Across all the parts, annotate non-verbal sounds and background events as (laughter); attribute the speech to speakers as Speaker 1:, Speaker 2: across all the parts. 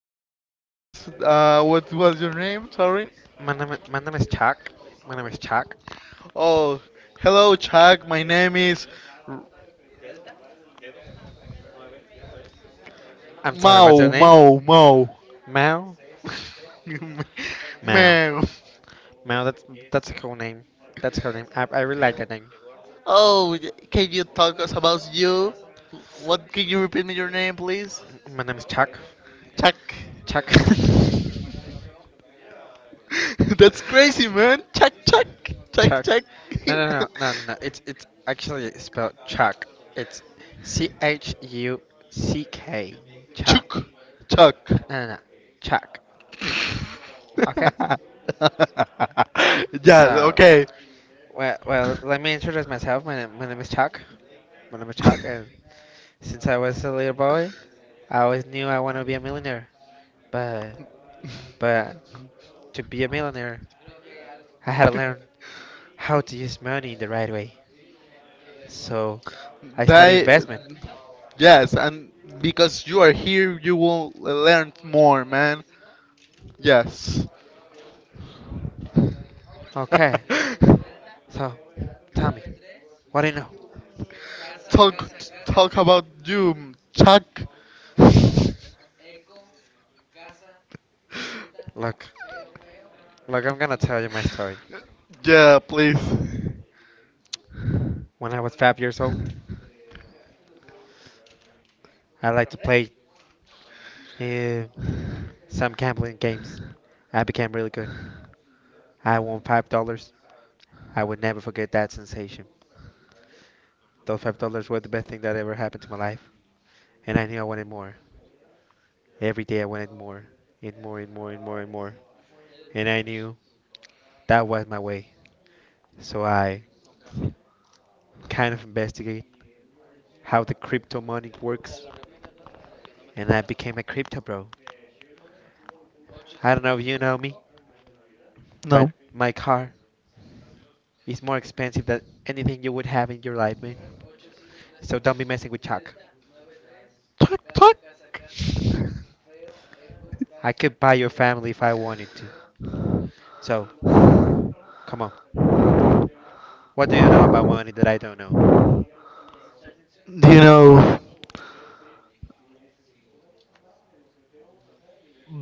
Speaker 1: person with us. What was your name? Sorry.
Speaker 2: My name is Chuck. My name is Chuck.
Speaker 1: Oh, hello Chuck. My name is R-
Speaker 2: I'm t-
Speaker 1: Mao Mao Mao.
Speaker 2: Mel.
Speaker 1: (laughs) Man.
Speaker 2: Mel, that's a cool name. That's a cool name. I really like that name.
Speaker 1: Oh, can you talk us about you? What can you repeat me your name, please?
Speaker 2: My name is Chuck.
Speaker 1: Chuck.
Speaker 2: Chuck. (laughs)
Speaker 1: (laughs) That's crazy, man. Chuck, chuck, chuck, chuck.
Speaker 2: Chuck.
Speaker 1: (laughs)
Speaker 2: No, no, no, no, no, no. It's actually spelled Chuck. It's Chuck.
Speaker 1: Chuck,
Speaker 2: Chuck.
Speaker 1: chuck.
Speaker 2: No, no, no. Chuck.
Speaker 1: (laughs) Yeah, okay.
Speaker 2: Well, let me introduce myself. My name is Chuck. My name is Chuck, and since I was a little boy, I always knew I want to be a millionaire. But but to be a millionaire, I had to learn how to use money in the right way. So,
Speaker 1: They,
Speaker 2: investment.
Speaker 1: yes, and because you are here, you will learn more, man. Yes.
Speaker 2: Okay,
Speaker 1: (laughs)
Speaker 2: so tell me, what do you know?
Speaker 1: talk, talk about you, Chuck.
Speaker 2: (laughs) Look, I'm gonna tell you my story.
Speaker 1: Yeah, please.
Speaker 2: When I was 5 years old, I liked to play uh, some gambling games. I became really good. I won $5. I would never forget that sensation. Those $5 were the best thing that ever happened to my life, and I knew I wanted more. Every day I wanted more, and more, and more, and more, and more. And I knew that was my way. So I kind of investigated how the crypto money works, and I became a crypto bro. I don't know if you know me.
Speaker 1: No.
Speaker 2: My car is more expensive than anything you would have in your life, man. So don't be messing with Chuck.
Speaker 1: Tuck, tuck. Do
Speaker 2: I could buy your family if I wanted to. So come on, about money that I don't know.
Speaker 1: you know?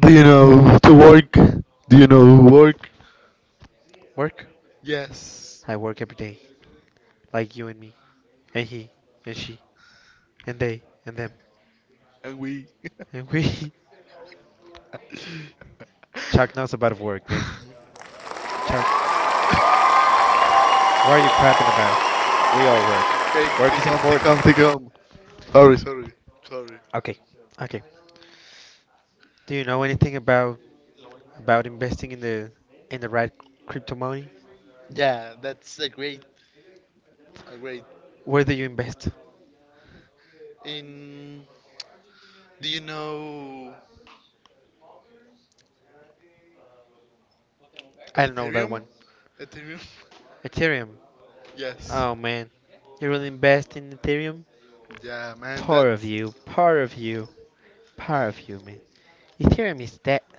Speaker 1: Do you know to work? Do you know work?
Speaker 2: Work?
Speaker 1: Yes.
Speaker 2: I work every day, like you and me, and he, and she, and they, and them,
Speaker 1: And we. (laughs)
Speaker 2: and we. (laughs) Chuck knows about work, man. Chuck, what are you clapping about? We all work.
Speaker 1: Hey, take
Speaker 2: Work is
Speaker 1: home, take home,
Speaker 2: important.
Speaker 1: take home. Sorry, sorry, sorry.
Speaker 2: Okay, okay. Do you know anything about investing in the right crypto money.
Speaker 1: Yeah, that's a great, a great.
Speaker 2: Where do you invest?
Speaker 1: In, do you know
Speaker 2: I don't know that
Speaker 1: Ethereum?
Speaker 2: one.
Speaker 1: Ethereum? (laughs)
Speaker 2: Ethereum.
Speaker 1: Yes.
Speaker 2: Oh man, you really invest in Ethereum?
Speaker 1: Yeah, man.
Speaker 2: Poor
Speaker 1: That.
Speaker 2: of you, poor of you, poor of you, man. Ethereum is that.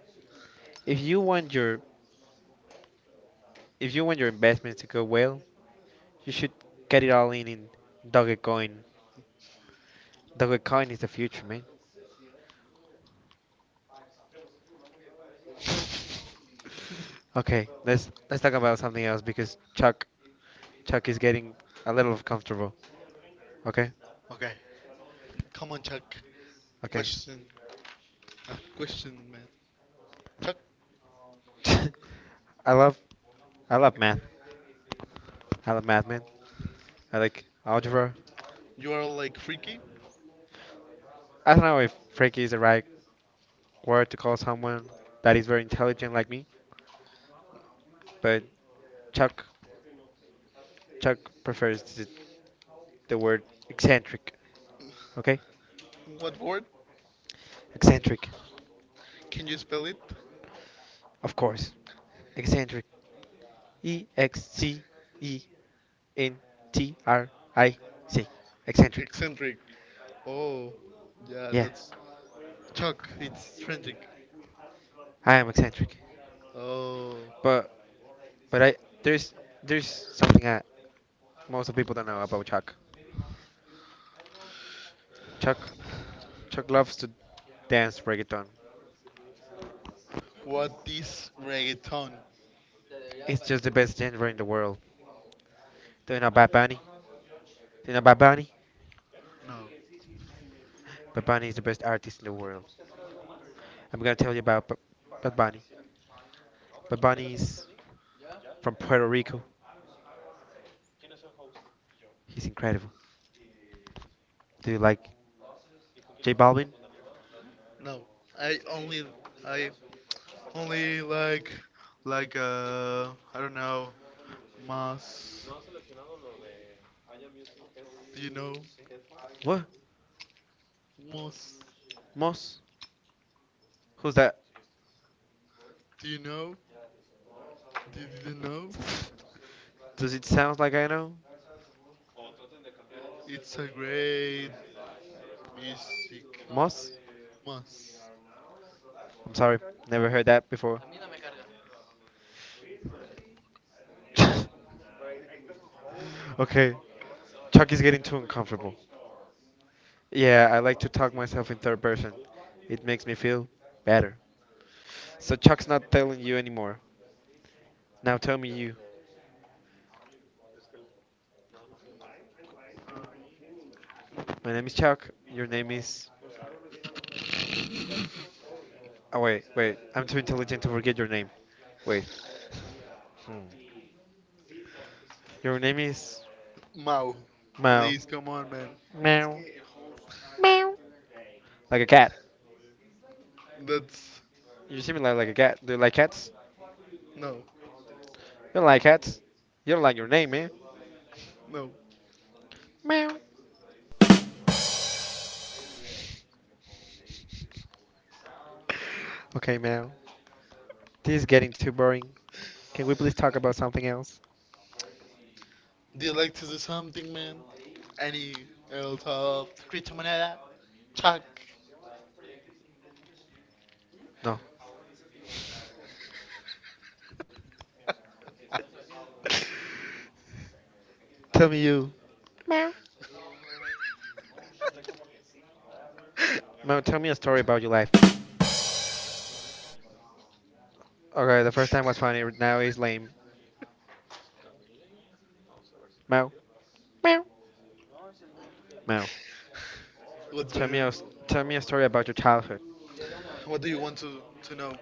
Speaker 2: If you want your investments to go well, you should get it all in Dogecoin. Dogecoin is the future, man. (laughs) Okay, let's talk about something else because Chuck is getting a little comfortable. Okay.
Speaker 1: Okay. Come on, Chuck. Question. Question, man. Chuck,
Speaker 2: (laughs) I love math. I love math, man. I like algebra.
Speaker 1: you are like freaky.
Speaker 2: I don't know if Frankie is the right word to call someone that is very intelligent like me, but Chuck Chuck prefers the word eccentric. Okay,
Speaker 1: What word?
Speaker 2: eccentric,
Speaker 1: Can you spell it?
Speaker 2: of course. Eccentric. Excentric. Eccentric.
Speaker 1: Eccentric. Oh, yeah,
Speaker 2: Yeah,
Speaker 1: that's Chuck. It's eccentric.
Speaker 2: I am eccentric.
Speaker 1: Oh,
Speaker 2: But but I there's there's something that most of people don't know about Chuck. Chuck Chuck loves to dance reggaeton.
Speaker 1: what is reggaeton?
Speaker 2: It's just the best genre in the world. Do you know Bad Bunny? Do you know Bad Bunny?
Speaker 1: No,
Speaker 2: Bad Bunny is the best artist in the world. I'm gonna tell you about Bad Bunny. Bad Bunny is from Puerto Rico. He's incredible. Do you like J Balvin?
Speaker 1: no. I only, I only like I don't know, mas. Do you know
Speaker 2: What?
Speaker 1: mas?
Speaker 2: Moss? Who's that?
Speaker 1: Do you know? Did you know?
Speaker 2: Does it sound like I know?
Speaker 1: It's a great music.
Speaker 2: Moss?
Speaker 1: Mas.
Speaker 2: I'm sorry, never heard that before. (laughs) Okay, Chuck is getting too uncomfortable. Yeah, I like to talk myself in third person. It makes me feel better. So Chuck's not telling you anymore. Now tell me you. My name is Chuck. Your name is Oh wait, I'm too intelligent to forget your name. Wait. Hmm. Your name is
Speaker 1: Mao,
Speaker 2: Mao.
Speaker 1: please come on, man.
Speaker 2: Meow. Meow. Like a cat.
Speaker 1: That's
Speaker 2: You seem like a cat. Do you like cats?
Speaker 1: no,
Speaker 2: You don't like cats. You don't like your name, man.
Speaker 1: no.
Speaker 2: Meow. (laughs) Okay, Mao. This is getting too boring. Can we please talk about something else?
Speaker 1: Do you like to do something, man? Any else of criptomoneda? Chuck,
Speaker 2: No.
Speaker 1: (laughs)
Speaker 2: (laughs) Tell me you. Meow. Mao, tell me a story about your life. Okay, the first time was funny. Now it's lame. Mao. Meow. Mao.
Speaker 1: what's going on?
Speaker 2: Tell me a story about your childhood.
Speaker 1: What do you want to know?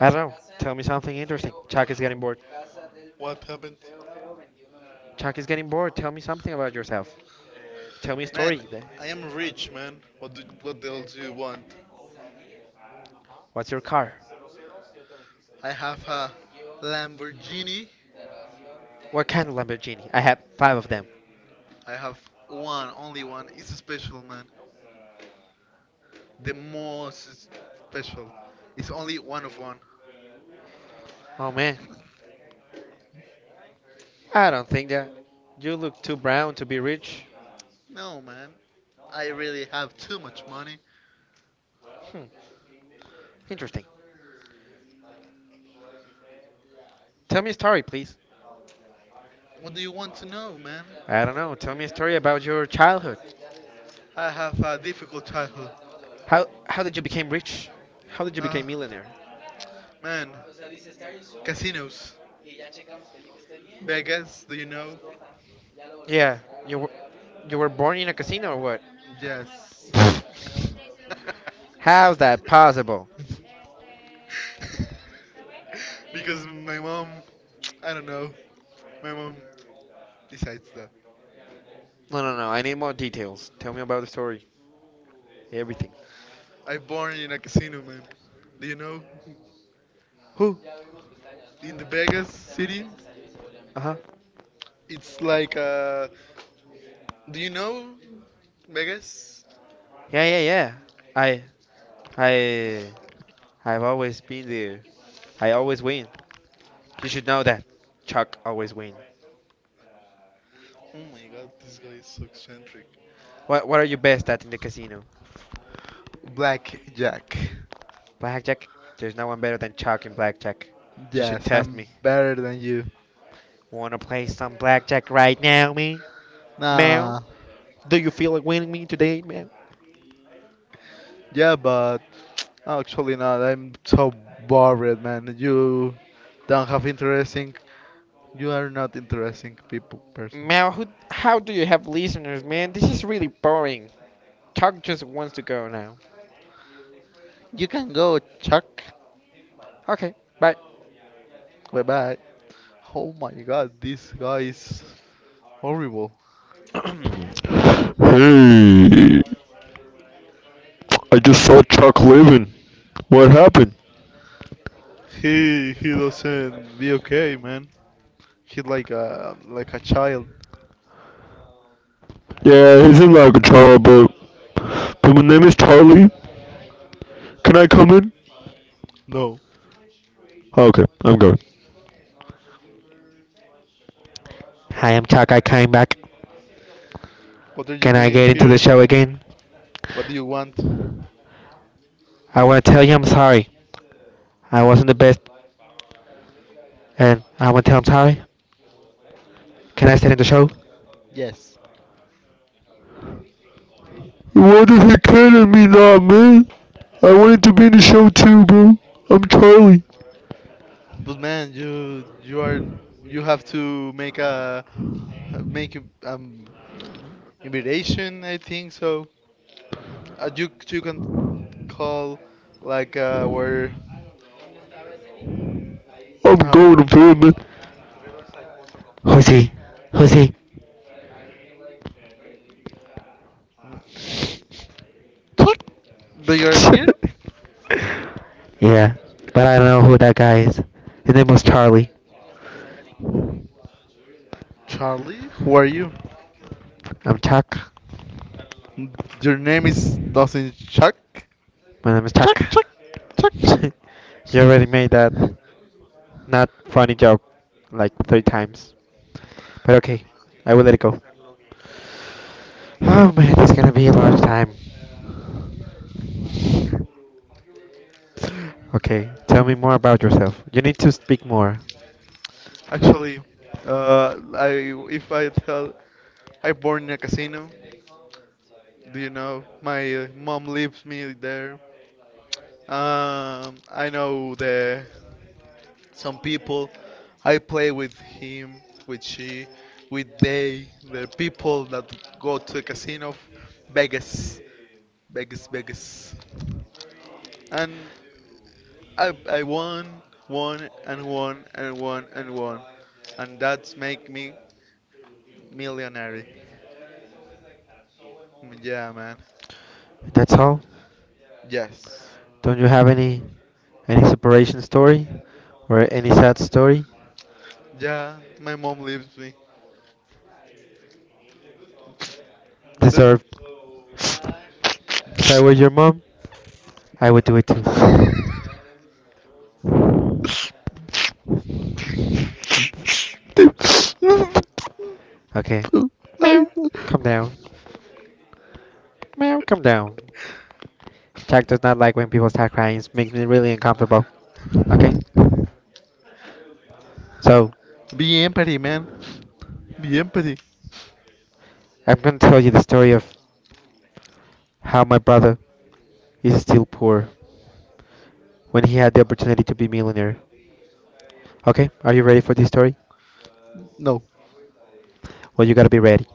Speaker 2: I don't know. Tell me something interesting. Chuck is getting bored.
Speaker 1: What happened?
Speaker 2: Chuck is getting bored. Tell me something about yourself. Tell me a
Speaker 1: Man,
Speaker 2: story. Then.
Speaker 1: I am rich, man. What else do you want?
Speaker 2: What's your car?
Speaker 1: I have a Lamborghini.
Speaker 2: What kind of Lamborghini? I have five of them.
Speaker 1: I have one, only one. It's special, man. The most special. It's only one of one.
Speaker 2: Oh man, I don't think that. You look too brown to be rich.
Speaker 1: No, man. I really have too much money.
Speaker 2: Hmm. Interesting. Tell me a story, please.
Speaker 1: What do you want to know, man?
Speaker 2: I don't know. Tell me a story about your childhood.
Speaker 1: I have a difficult childhood.
Speaker 2: How did you become rich? How did you become
Speaker 1: Ah,
Speaker 2: millionaire?
Speaker 1: man. Casinos. Vegas, do you know?
Speaker 2: Yeah, you were, you were born in a casino or
Speaker 1: Yes.
Speaker 2: what? (laughs) How's that possible?
Speaker 1: (laughs) Because my mom, I don't know, my mom decides that.
Speaker 2: No, no, no. I need more details. Tell me about the story. Everything.
Speaker 1: I born in a casino, man. Do you know?
Speaker 2: Who?
Speaker 1: In the Vegas city,
Speaker 2: Uh huh.
Speaker 1: it's like do you know Vegas?
Speaker 2: Yeah, yeah, yeah. I, I, I've always been there. I always win. You should know that. Chuck always win.
Speaker 1: Oh my God, this guy is so eccentric.
Speaker 2: What are you best at in the casino?
Speaker 1: Blackjack.
Speaker 2: Blackjack. There's no one better than Chuck in blackjack. You should
Speaker 1: Yes,
Speaker 2: test
Speaker 1: I'm
Speaker 2: me.
Speaker 1: better than you.
Speaker 2: Wanna play some blackjack right now, me? Mel,
Speaker 1: Nah.
Speaker 2: do you feel like winning me today, Mel?
Speaker 1: Yeah, but (tsk) actually not. I'm so bored, man. You don't have interesting. You are not interesting people person.
Speaker 2: Mel, how do you have listeners, man? This is really boring. Chuck just wants to go now.
Speaker 1: You can go, Chuck.
Speaker 2: Okay, bye.
Speaker 1: Bye bye. Oh my God, this guy is horrible.
Speaker 2: Hey, I just saw Chuck leaving. What happened?
Speaker 1: He doesn't be okay, man. He's like a child.
Speaker 2: Yeah, he's in my control, but my name is Charlie. Can I come in?
Speaker 1: No.
Speaker 2: Okay, I'm going. Hi, I'm Chuck. I came back.
Speaker 1: What are you
Speaker 2: Can I
Speaker 1: doing
Speaker 2: get into the
Speaker 1: here?
Speaker 2: show again?
Speaker 1: What do you want?
Speaker 2: I want to tell you I'm sorry. I wasn't the best, and I want to tell I'm sorry. Can I stay in the show?
Speaker 1: Yes.
Speaker 2: What the heck can at me now, man? I wanted to be in the show too, bro. I'm Charlie.
Speaker 1: But man, you have to make a invitation. I think so. You can call, like, where.
Speaker 2: I'm
Speaker 1: Oh,
Speaker 2: going to film it. Who's he? Who's he?
Speaker 1: they are here.
Speaker 2: (laughs) Yeah, but I don't know who that guy is. His name was Charlie.
Speaker 1: Charlie, who are you?
Speaker 2: I'm Chuck.
Speaker 1: Your name is doesn't Chuck.
Speaker 2: My name is
Speaker 1: Check,
Speaker 2: Chuck.
Speaker 1: check,
Speaker 2: (laughs)
Speaker 1: check, check.
Speaker 2: You already made that not funny joke like 3 times. But okay, I will let it go. Oh man, it's gonna be a large time. Okay, tell me more about yourself. You need to speak more.
Speaker 1: Actually, I if I tell I born in a casino, do you know? My mom lives me there. I know the some people. I play with him, with she, with they, the people that go to a casino, of Vegas, Vegas, Vegas, and I won, won and won and won and won, and that's make me millionaire. Yeah, man.
Speaker 2: That's all.
Speaker 1: Yes.
Speaker 2: Don't you have any separation story or any sad story?
Speaker 1: Yeah, my mom leaves me. The-
Speaker 2: Deserve. If I were your mom, I would do it
Speaker 1: (laughs)
Speaker 2: too. Okay.
Speaker 1: Ay,
Speaker 2: Meow.
Speaker 1: no.
Speaker 2: Come down. Meow. Come down. Jack does not like when people start crying. It makes me really uncomfortable. So,
Speaker 1: Be empathy, man. Be empathy.
Speaker 2: I'm going to tell you the story of how my brother is still poor when he had the opportunity to be millionaire. Okay? Are you ready for this story?
Speaker 1: No.
Speaker 2: Well, you gotta be ready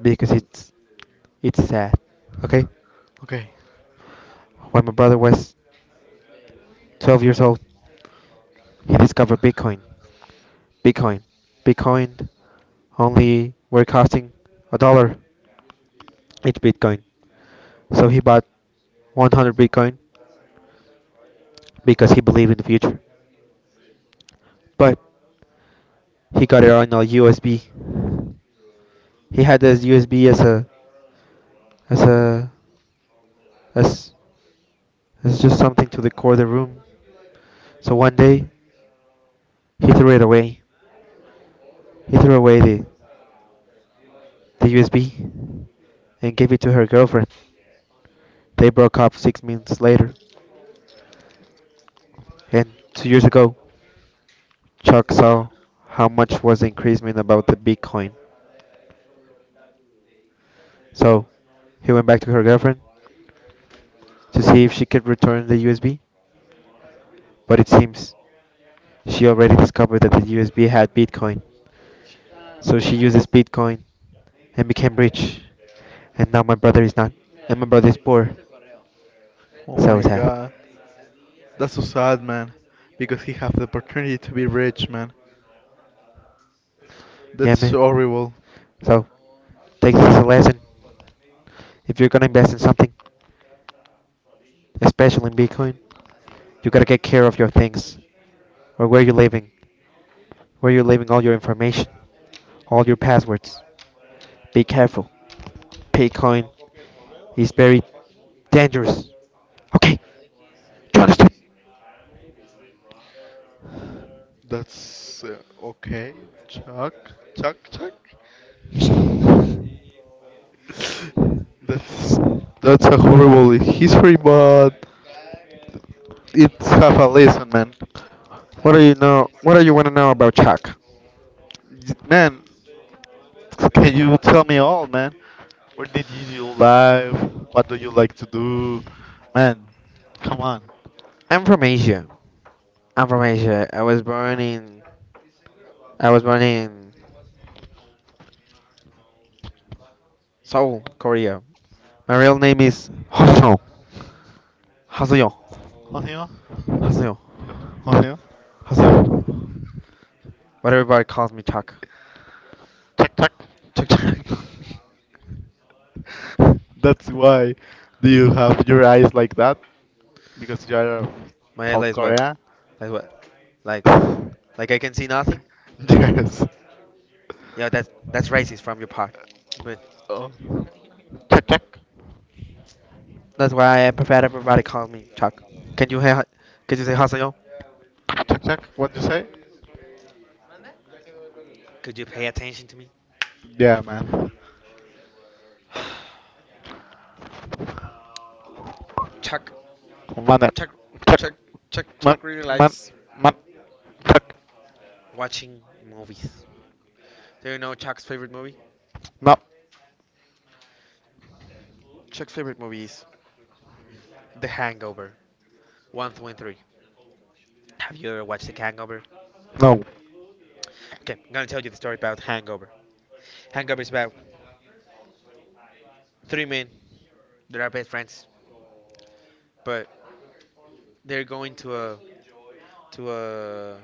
Speaker 2: because it's sad. Okay?
Speaker 1: Okay.
Speaker 2: When my brother was 12 years old, he discovered Bitcoin. Bitcoin. Bitcoin only were costing a dollar each Bitcoin. So he bought 100 Bitcoin because he believed in the future. But he got it on a USB. He had this USB as a as a as as just something to decorate the room. So one day he threw it away. He threw away the USB and gave it to her girlfriend. They broke up 6 months later. And 2 years ago, Chuck saw how much was the increasement about the Bitcoin. So he went back to her girlfriend to see if she could return the USB. But it seems she already discovered that the USB had Bitcoin. So she uses Bitcoin and became rich. And now my brother is not. And my brother is poor.
Speaker 1: Oh
Speaker 2: So
Speaker 1: my
Speaker 2: sad.
Speaker 1: god. That's so sad, man. Because he have the opportunity to be rich, man.
Speaker 2: Yeah,
Speaker 1: That's
Speaker 2: man.
Speaker 1: so horrible.
Speaker 2: So take this as a lesson. If you're gonna invest in something, especially in Bitcoin, you gotta get care of your things or where you're living, where you're leaving all your information, all your passwords. Be careful. Bitcoin is very dangerous. Okay, you understand?
Speaker 1: That's okay. Chuck, Chuck, Chuck. (laughs) That's that's a horrible history, but it's have a listen, man.
Speaker 2: What do you know? What do you want to know about Chuck?
Speaker 1: Man, can you tell me all, man? Where did you do live? What do you like to do? Man, come on.
Speaker 2: I'm from Asia. I'm from Asia. I was born in Seoul, Korea. My real name is Hoseyo. Hoseyo.
Speaker 1: Julio?
Speaker 2: Hoseyo.
Speaker 1: Julio?
Speaker 2: Hoseyo. But everybody calls me Chuck.
Speaker 1: Check, check.
Speaker 2: Chuck.
Speaker 1: That's why do you have your eyes like that? Because you are
Speaker 2: (laughs) My eyes
Speaker 1: South
Speaker 2: like what?
Speaker 1: Korea?
Speaker 2: Like what? Like
Speaker 1: (laughs)
Speaker 2: I can see nothing?
Speaker 1: Yes.
Speaker 2: Yeah, that's racist from your part. But
Speaker 1: Oh. Check, check.
Speaker 2: that's why I prefer everybody calls me Chuck. Can you hear? Could you say Hoseyo?
Speaker 1: Check, check. What you say?
Speaker 2: Could you pay attention to me?
Speaker 1: Yeah, man.
Speaker 2: Chuck.
Speaker 1: One, check,
Speaker 2: Chuck.
Speaker 1: man,
Speaker 2: Chuck really
Speaker 1: man,
Speaker 2: likes
Speaker 1: man, check, check,
Speaker 2: watching movies. Do you know Chuck's favorite movie?
Speaker 1: no
Speaker 2: Chuck's favorite movie is The Hangover. One, two, and three. Have you ever watched The Hangover?
Speaker 1: no
Speaker 2: Okay, I'm gonna tell you the story about Hangover. Hang up is about 3 men that are best friends, but they're going to a to a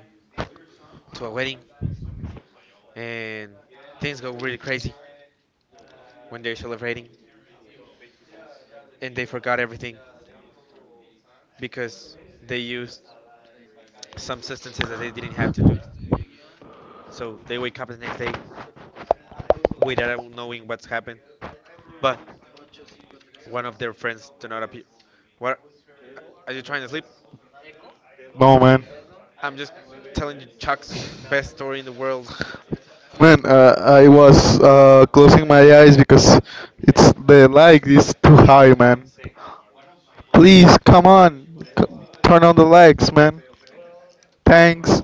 Speaker 2: wedding, and things go really crazy when they're celebrating, and they forgot everything because they used some substances that they didn't have to. So they wake up the next day without knowing what's happened. But one of their friends do not appear. What are you trying to sleep?
Speaker 1: no man
Speaker 2: I'm just telling you Chuck's best story in the world.
Speaker 1: man I was closing my eyes because it's the light is too high, man. Please come on. C- Turn on the lights, man. Thanks.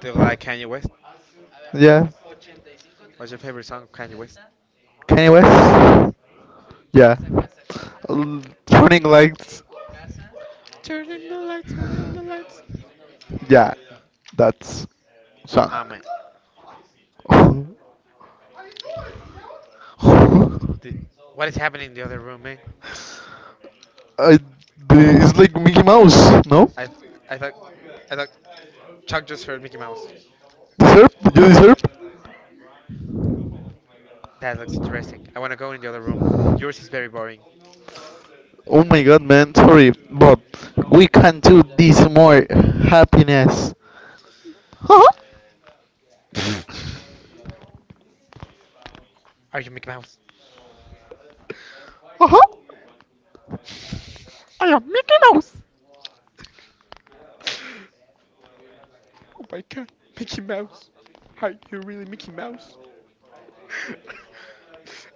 Speaker 2: They like Kanye West.
Speaker 1: Yeah.
Speaker 2: What's your favorite song of Kanye West?
Speaker 1: Kanye West. Yeah. Turning lights. Yeah, that's song.
Speaker 2: Ah man,
Speaker 1: (laughs) I,
Speaker 2: what is happening in the other room, man?
Speaker 1: the, it's like Mickey Mouse, no?
Speaker 2: I thought, I thought Chuck just heard Mickey Mouse.
Speaker 1: The Serp? You the Serp?
Speaker 2: That looks interesting. I want to go in the other room. Yours is very boring.
Speaker 1: Oh my god, man, sorry, but we can do this more happiness. Haha,
Speaker 2: Are you Mickey Mouse?
Speaker 1: haha, I am Mickey Mouse.
Speaker 2: Oh my god, Mickey Mouse. Are you really Mickey Mouse?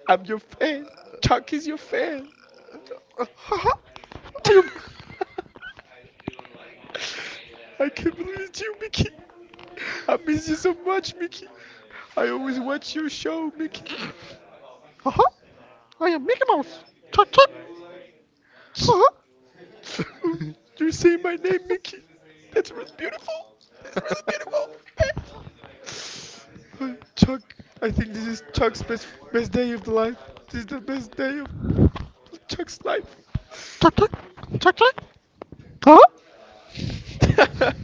Speaker 2: I'm your fan. Chuck is your fan.
Speaker 1: Haha, I am,
Speaker 2: (laughs) I can't believe it's you, Mickey. I miss you so much, Mickey. I always watch your show, Mickey.
Speaker 1: haha, I am Mickey Mouse. Chuck, chuck, haha,
Speaker 2: You say my name, Mickey. That's really beautiful. That's really beautiful. Chuck, I think this is Chuck's best day of the life. This is the best day of Chuck's life.
Speaker 1: chuck, chuck, chuck, chuck, haha.
Speaker 2: (laughs)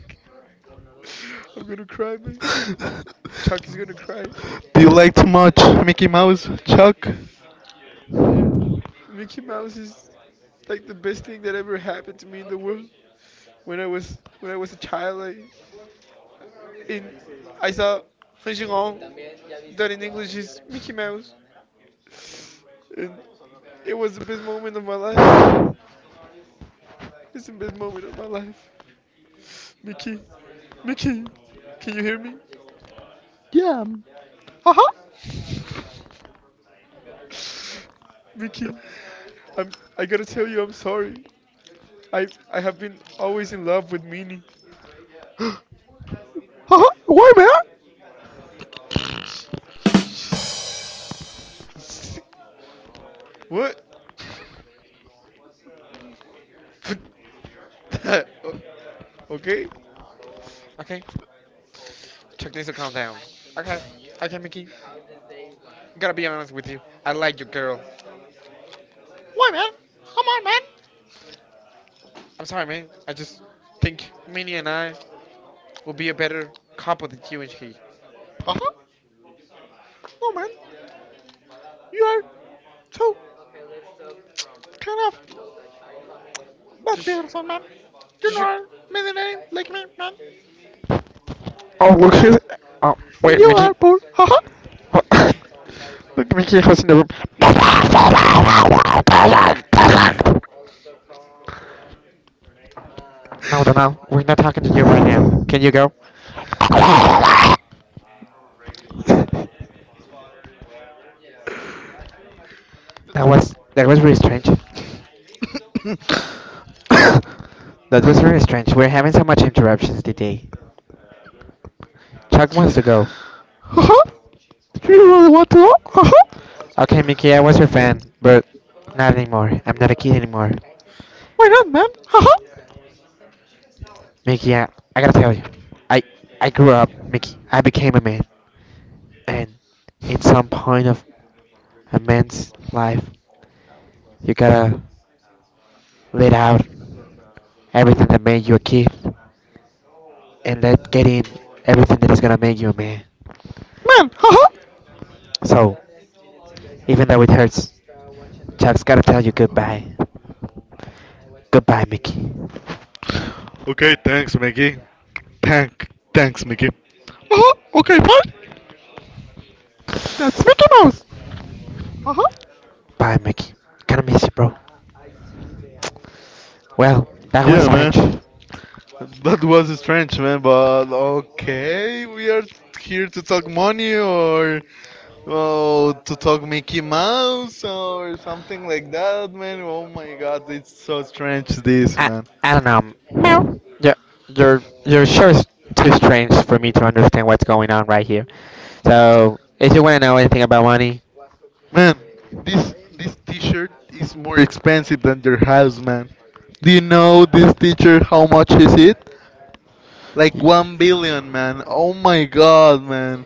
Speaker 2: I'm gonna cry, man. Chuck is gonna cry.
Speaker 1: Do you like too much Mickey Mouse, Chuck?
Speaker 2: Uh, Mickey Mouse is like the best thing that ever happened to me in the world. When I was a child, in I saw Hong Jin Hong, that in English is Mickey Mouse. And it was the best moment of my life. It's the best moment of my life. Mickey, Mickey, can you hear me?
Speaker 1: Yeah, haha,
Speaker 2: (laughs) Mickey, I'm. I gotta tell you, I'm sorry. I have been always in love with Minnie.
Speaker 1: haha, why, man?
Speaker 2: (laughs) Sh- She's. she's- What? (laughs) O- okay. Okay. Chuck needs to calm down. Okay. Okay, Mickey. Gotta be honest with you. I like your girl.
Speaker 1: Why, man? Come on, man.
Speaker 2: I'm sorry, man. I just think Minnie and I will be a better combo than you and he.
Speaker 1: Uh huh. Oh man. You are so kind of not
Speaker 2: Just,
Speaker 1: beautiful, man. You know,
Speaker 2: just.
Speaker 1: are many name like me, man.
Speaker 2: Oh, look
Speaker 1: You are,
Speaker 2: who's. Oh, wait.
Speaker 1: you are poor. Uh huh.
Speaker 2: (laughs) Look at Mickey House in the room. No, Donald, we're not talking to you. Can you go? (laughs) that that was really strange.
Speaker 1: Uh
Speaker 2: That was really strange. We're having so much interruptions today. Chuck wants to go.
Speaker 1: huh. (laughs) You really want to? Uh huh.
Speaker 2: Okay, Mickey, I was your fan, but not anymore. I'm not a kid anymore.
Speaker 1: Why not, man? Uh huh.
Speaker 2: Mickey, I, I gotta tell you, I I grew up, Mickey. I became a man, and in some point of a man's life, you gotta let out everything that made you a kid, and let get in everything that is gonna make you a man.
Speaker 1: Man, uh huh.
Speaker 2: So, even though it hurts, Chuck's gotta tell you goodbye. Goodbye, Mickey.
Speaker 1: Thanks, Mickey. Thanks, Mickey. Uh huh. Okay, fine. That's Mickey Mouse. Uh huh.
Speaker 2: Bye, Mickey. Gonna miss you, bro. Well, that was
Speaker 1: Yeah, man.
Speaker 2: strange.
Speaker 1: (laughs) That was strange, man, but okay, we are here to talk money or well, to talk Mickey Mouse or something like that, man. Oh my god, it's so strange this,
Speaker 2: I,
Speaker 1: man.
Speaker 2: I don't know. Meow. Your your show is too strange for me to understand what's going on right here. So if you want to know anything about money,
Speaker 1: Man, this t-shirt is more expensive than your house, man. Do you know this t-shirt how much is it? Like 1 billion, man. Oh my god, man.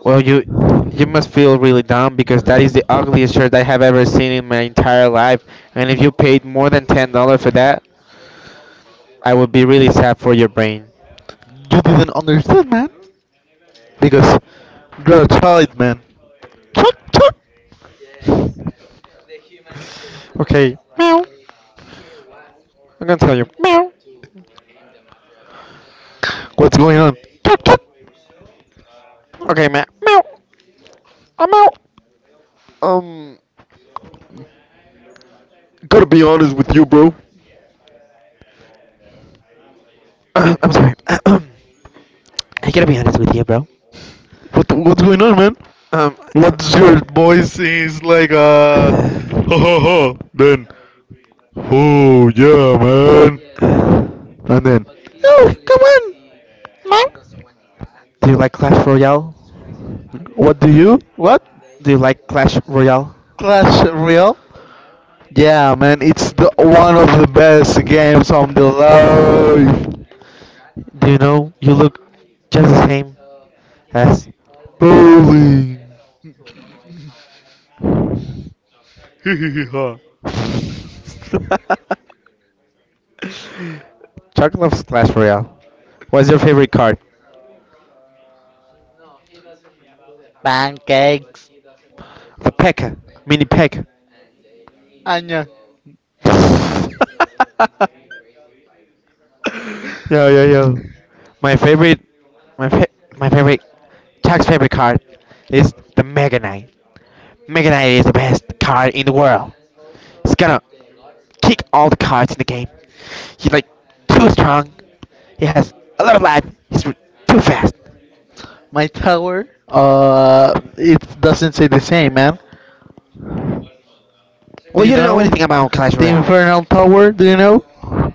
Speaker 2: well you must feel really dumb because that is the ugliest shirt I have ever seen in my entire life. And if you paid more than $10 for that, I would be really sad for your brain.
Speaker 1: You didn't understand, man? Because you're a child, man. Chuck, chuck.
Speaker 2: Okay. Meow. I'm gonna tell you.
Speaker 1: What's going on?
Speaker 2: Okay, meow. Meow. Um, gotta be honest with you, bro. (coughs) (clears throat) I'm sorry. (clears throat) I gotta be honest with you, bro.
Speaker 1: What's going on, man?
Speaker 2: Um,
Speaker 1: What's your voice is like,
Speaker 2: Do
Speaker 1: ho ho ho, then, oh yeah, man, and then, oh, come on, man.
Speaker 2: you like Clash Royale?
Speaker 1: What do you, what?
Speaker 2: Do you like Clash Royale?
Speaker 1: Clash Royale? Yeah, man, it's the one of the best games on the
Speaker 2: Do you know you look just the same as Bowling? (laughs)
Speaker 1: life. (laughs)
Speaker 2: Chuck loves Clash Royale. What's your favorite card?
Speaker 1: Pancakes.
Speaker 2: The Pekka. Mini Pekka.
Speaker 1: Anya,
Speaker 2: (laughs) yo yo yo. My favorite my fa- my favorite Chuck's favorite card is the Mega Knight. Mega Knight is the best card in the world. It's gonna kick all the cards in the game. He's like too strong. He has a lot of life. He's too fast.
Speaker 1: my tower, it doesn't say the same, man. Do
Speaker 2: Well,
Speaker 1: you
Speaker 2: you don't know
Speaker 1: know?
Speaker 2: anything about Clash
Speaker 1: The
Speaker 2: Royale.
Speaker 1: Infernal Tower, do you know?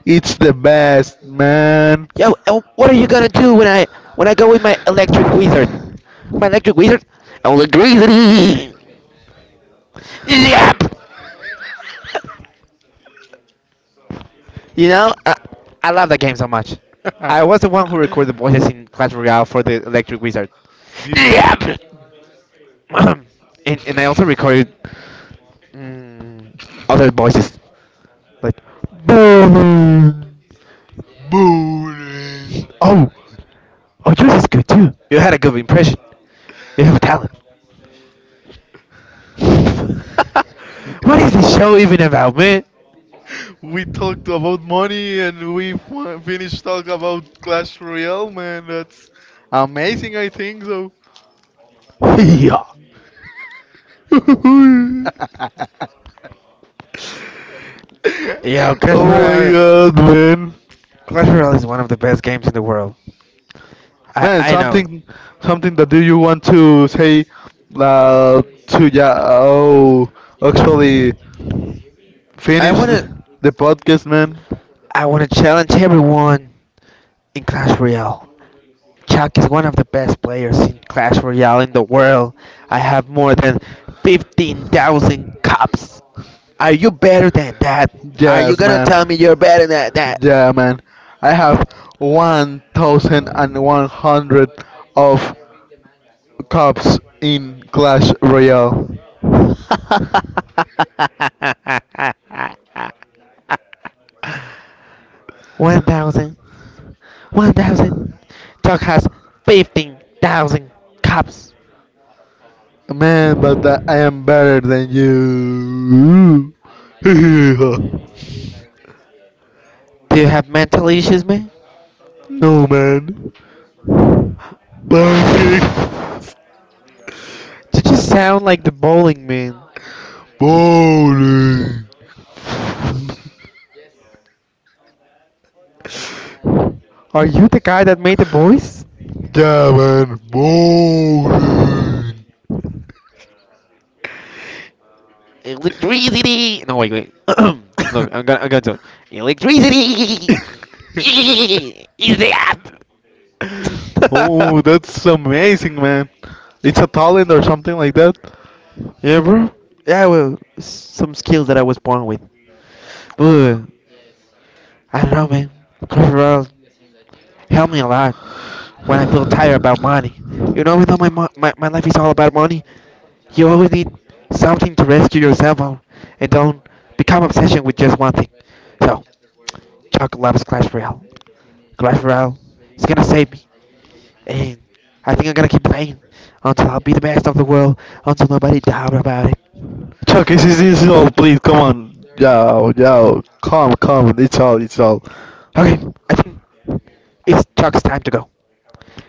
Speaker 1: It's the best, man.
Speaker 2: Yo, and what are you gonna do when I go with my electric wizard?
Speaker 1: (laughs)
Speaker 2: My electric wizard? Electric wizard. Yep. You know, I love that game so much. I was the one who recorded the voices in Clash Royale for the electric wizard.
Speaker 1: Do you,
Speaker 2: Yep. (clears throat) And I also recorded mm, other voices like. Boom.
Speaker 1: boring.
Speaker 2: Oh, oh, yours is good too. You had a good impression. You have talent. (laughs) What is this show even about, man?
Speaker 1: We talked about money and we finished talk about Clash Royale, man. That's amazing, I think so.
Speaker 2: (laughs) yeah. (laughs)
Speaker 1: (laughs)
Speaker 2: yeah, Clash
Speaker 1: Oh my
Speaker 2: Royale,
Speaker 1: god, man.
Speaker 2: Clash Royale is one of the best games in the world.
Speaker 1: Man,
Speaker 2: I know.
Speaker 1: something that do you want to say to yeah? Oh, actually,
Speaker 2: I
Speaker 1: finish
Speaker 2: wanna,
Speaker 1: the podcast, man.
Speaker 2: I wanna challenge everyone in Clash Royale. Chuck is one of the best players in Clash Royale in the world. I have more than 15,000 cups. Are you better than that? Are you
Speaker 1: Yes,
Speaker 2: gonna
Speaker 1: man.
Speaker 2: tell me you're better than that?
Speaker 1: Yeah, man. I have 1,100 of cups in Clash Royale.
Speaker 2: (laughs) 1,000, 1,000. Doc has 15,000 cups.
Speaker 1: Man, but that I am better than you. (laughs)
Speaker 2: Do you have mental issues, man?
Speaker 1: No, man. Pancake
Speaker 2: Did you sound like the bowling man?
Speaker 1: bowling.
Speaker 2: Are you the guy that made the voice?
Speaker 1: Gavin Bowling.
Speaker 2: Electricity. No, wait, wait. (clears throat) Look, I'm gonna do it. Electricity
Speaker 1: (laughs)
Speaker 2: (laughs) is the app.
Speaker 1: Oh, that's amazing, man. It's a talent or something like that.
Speaker 2: (laughs) yeah, bro. Yeah, well, some skills that I was born with. But I don't know, man. Colorado helped me a lot when I feel tired about money. You know, even though my, mo- my life is all about money, you always need something to rescue yourself on, and don't become obsession with just one thing. So, Chuck loves Clash Royale. Clash Royale is gonna save me, and I think I'm gonna keep playing until I'll be the best of the world, until nobody doubt about it.
Speaker 1: Chuck, this is all. Please, come on. Yo, yo, come, come. It's all, it's all.
Speaker 2: Okay, I think it's Chuck's time to go.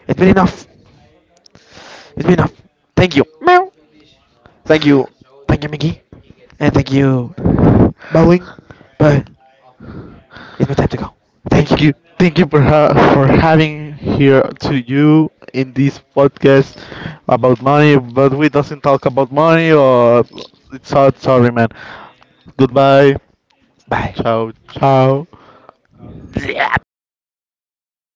Speaker 2: It's been enough. It's been enough. Thank you. Meow. Thank you. Thank you, Mickey. And thank you, Bowling. But it's my time to go. Thank
Speaker 1: Thank
Speaker 2: you.
Speaker 1: you, thank you for having here to you in this podcast about money, but we doesn't talk about money. Or it's all, sorry, man. Goodbye.
Speaker 2: Bye.
Speaker 1: Ciao, ciao.
Speaker 2: Yeah.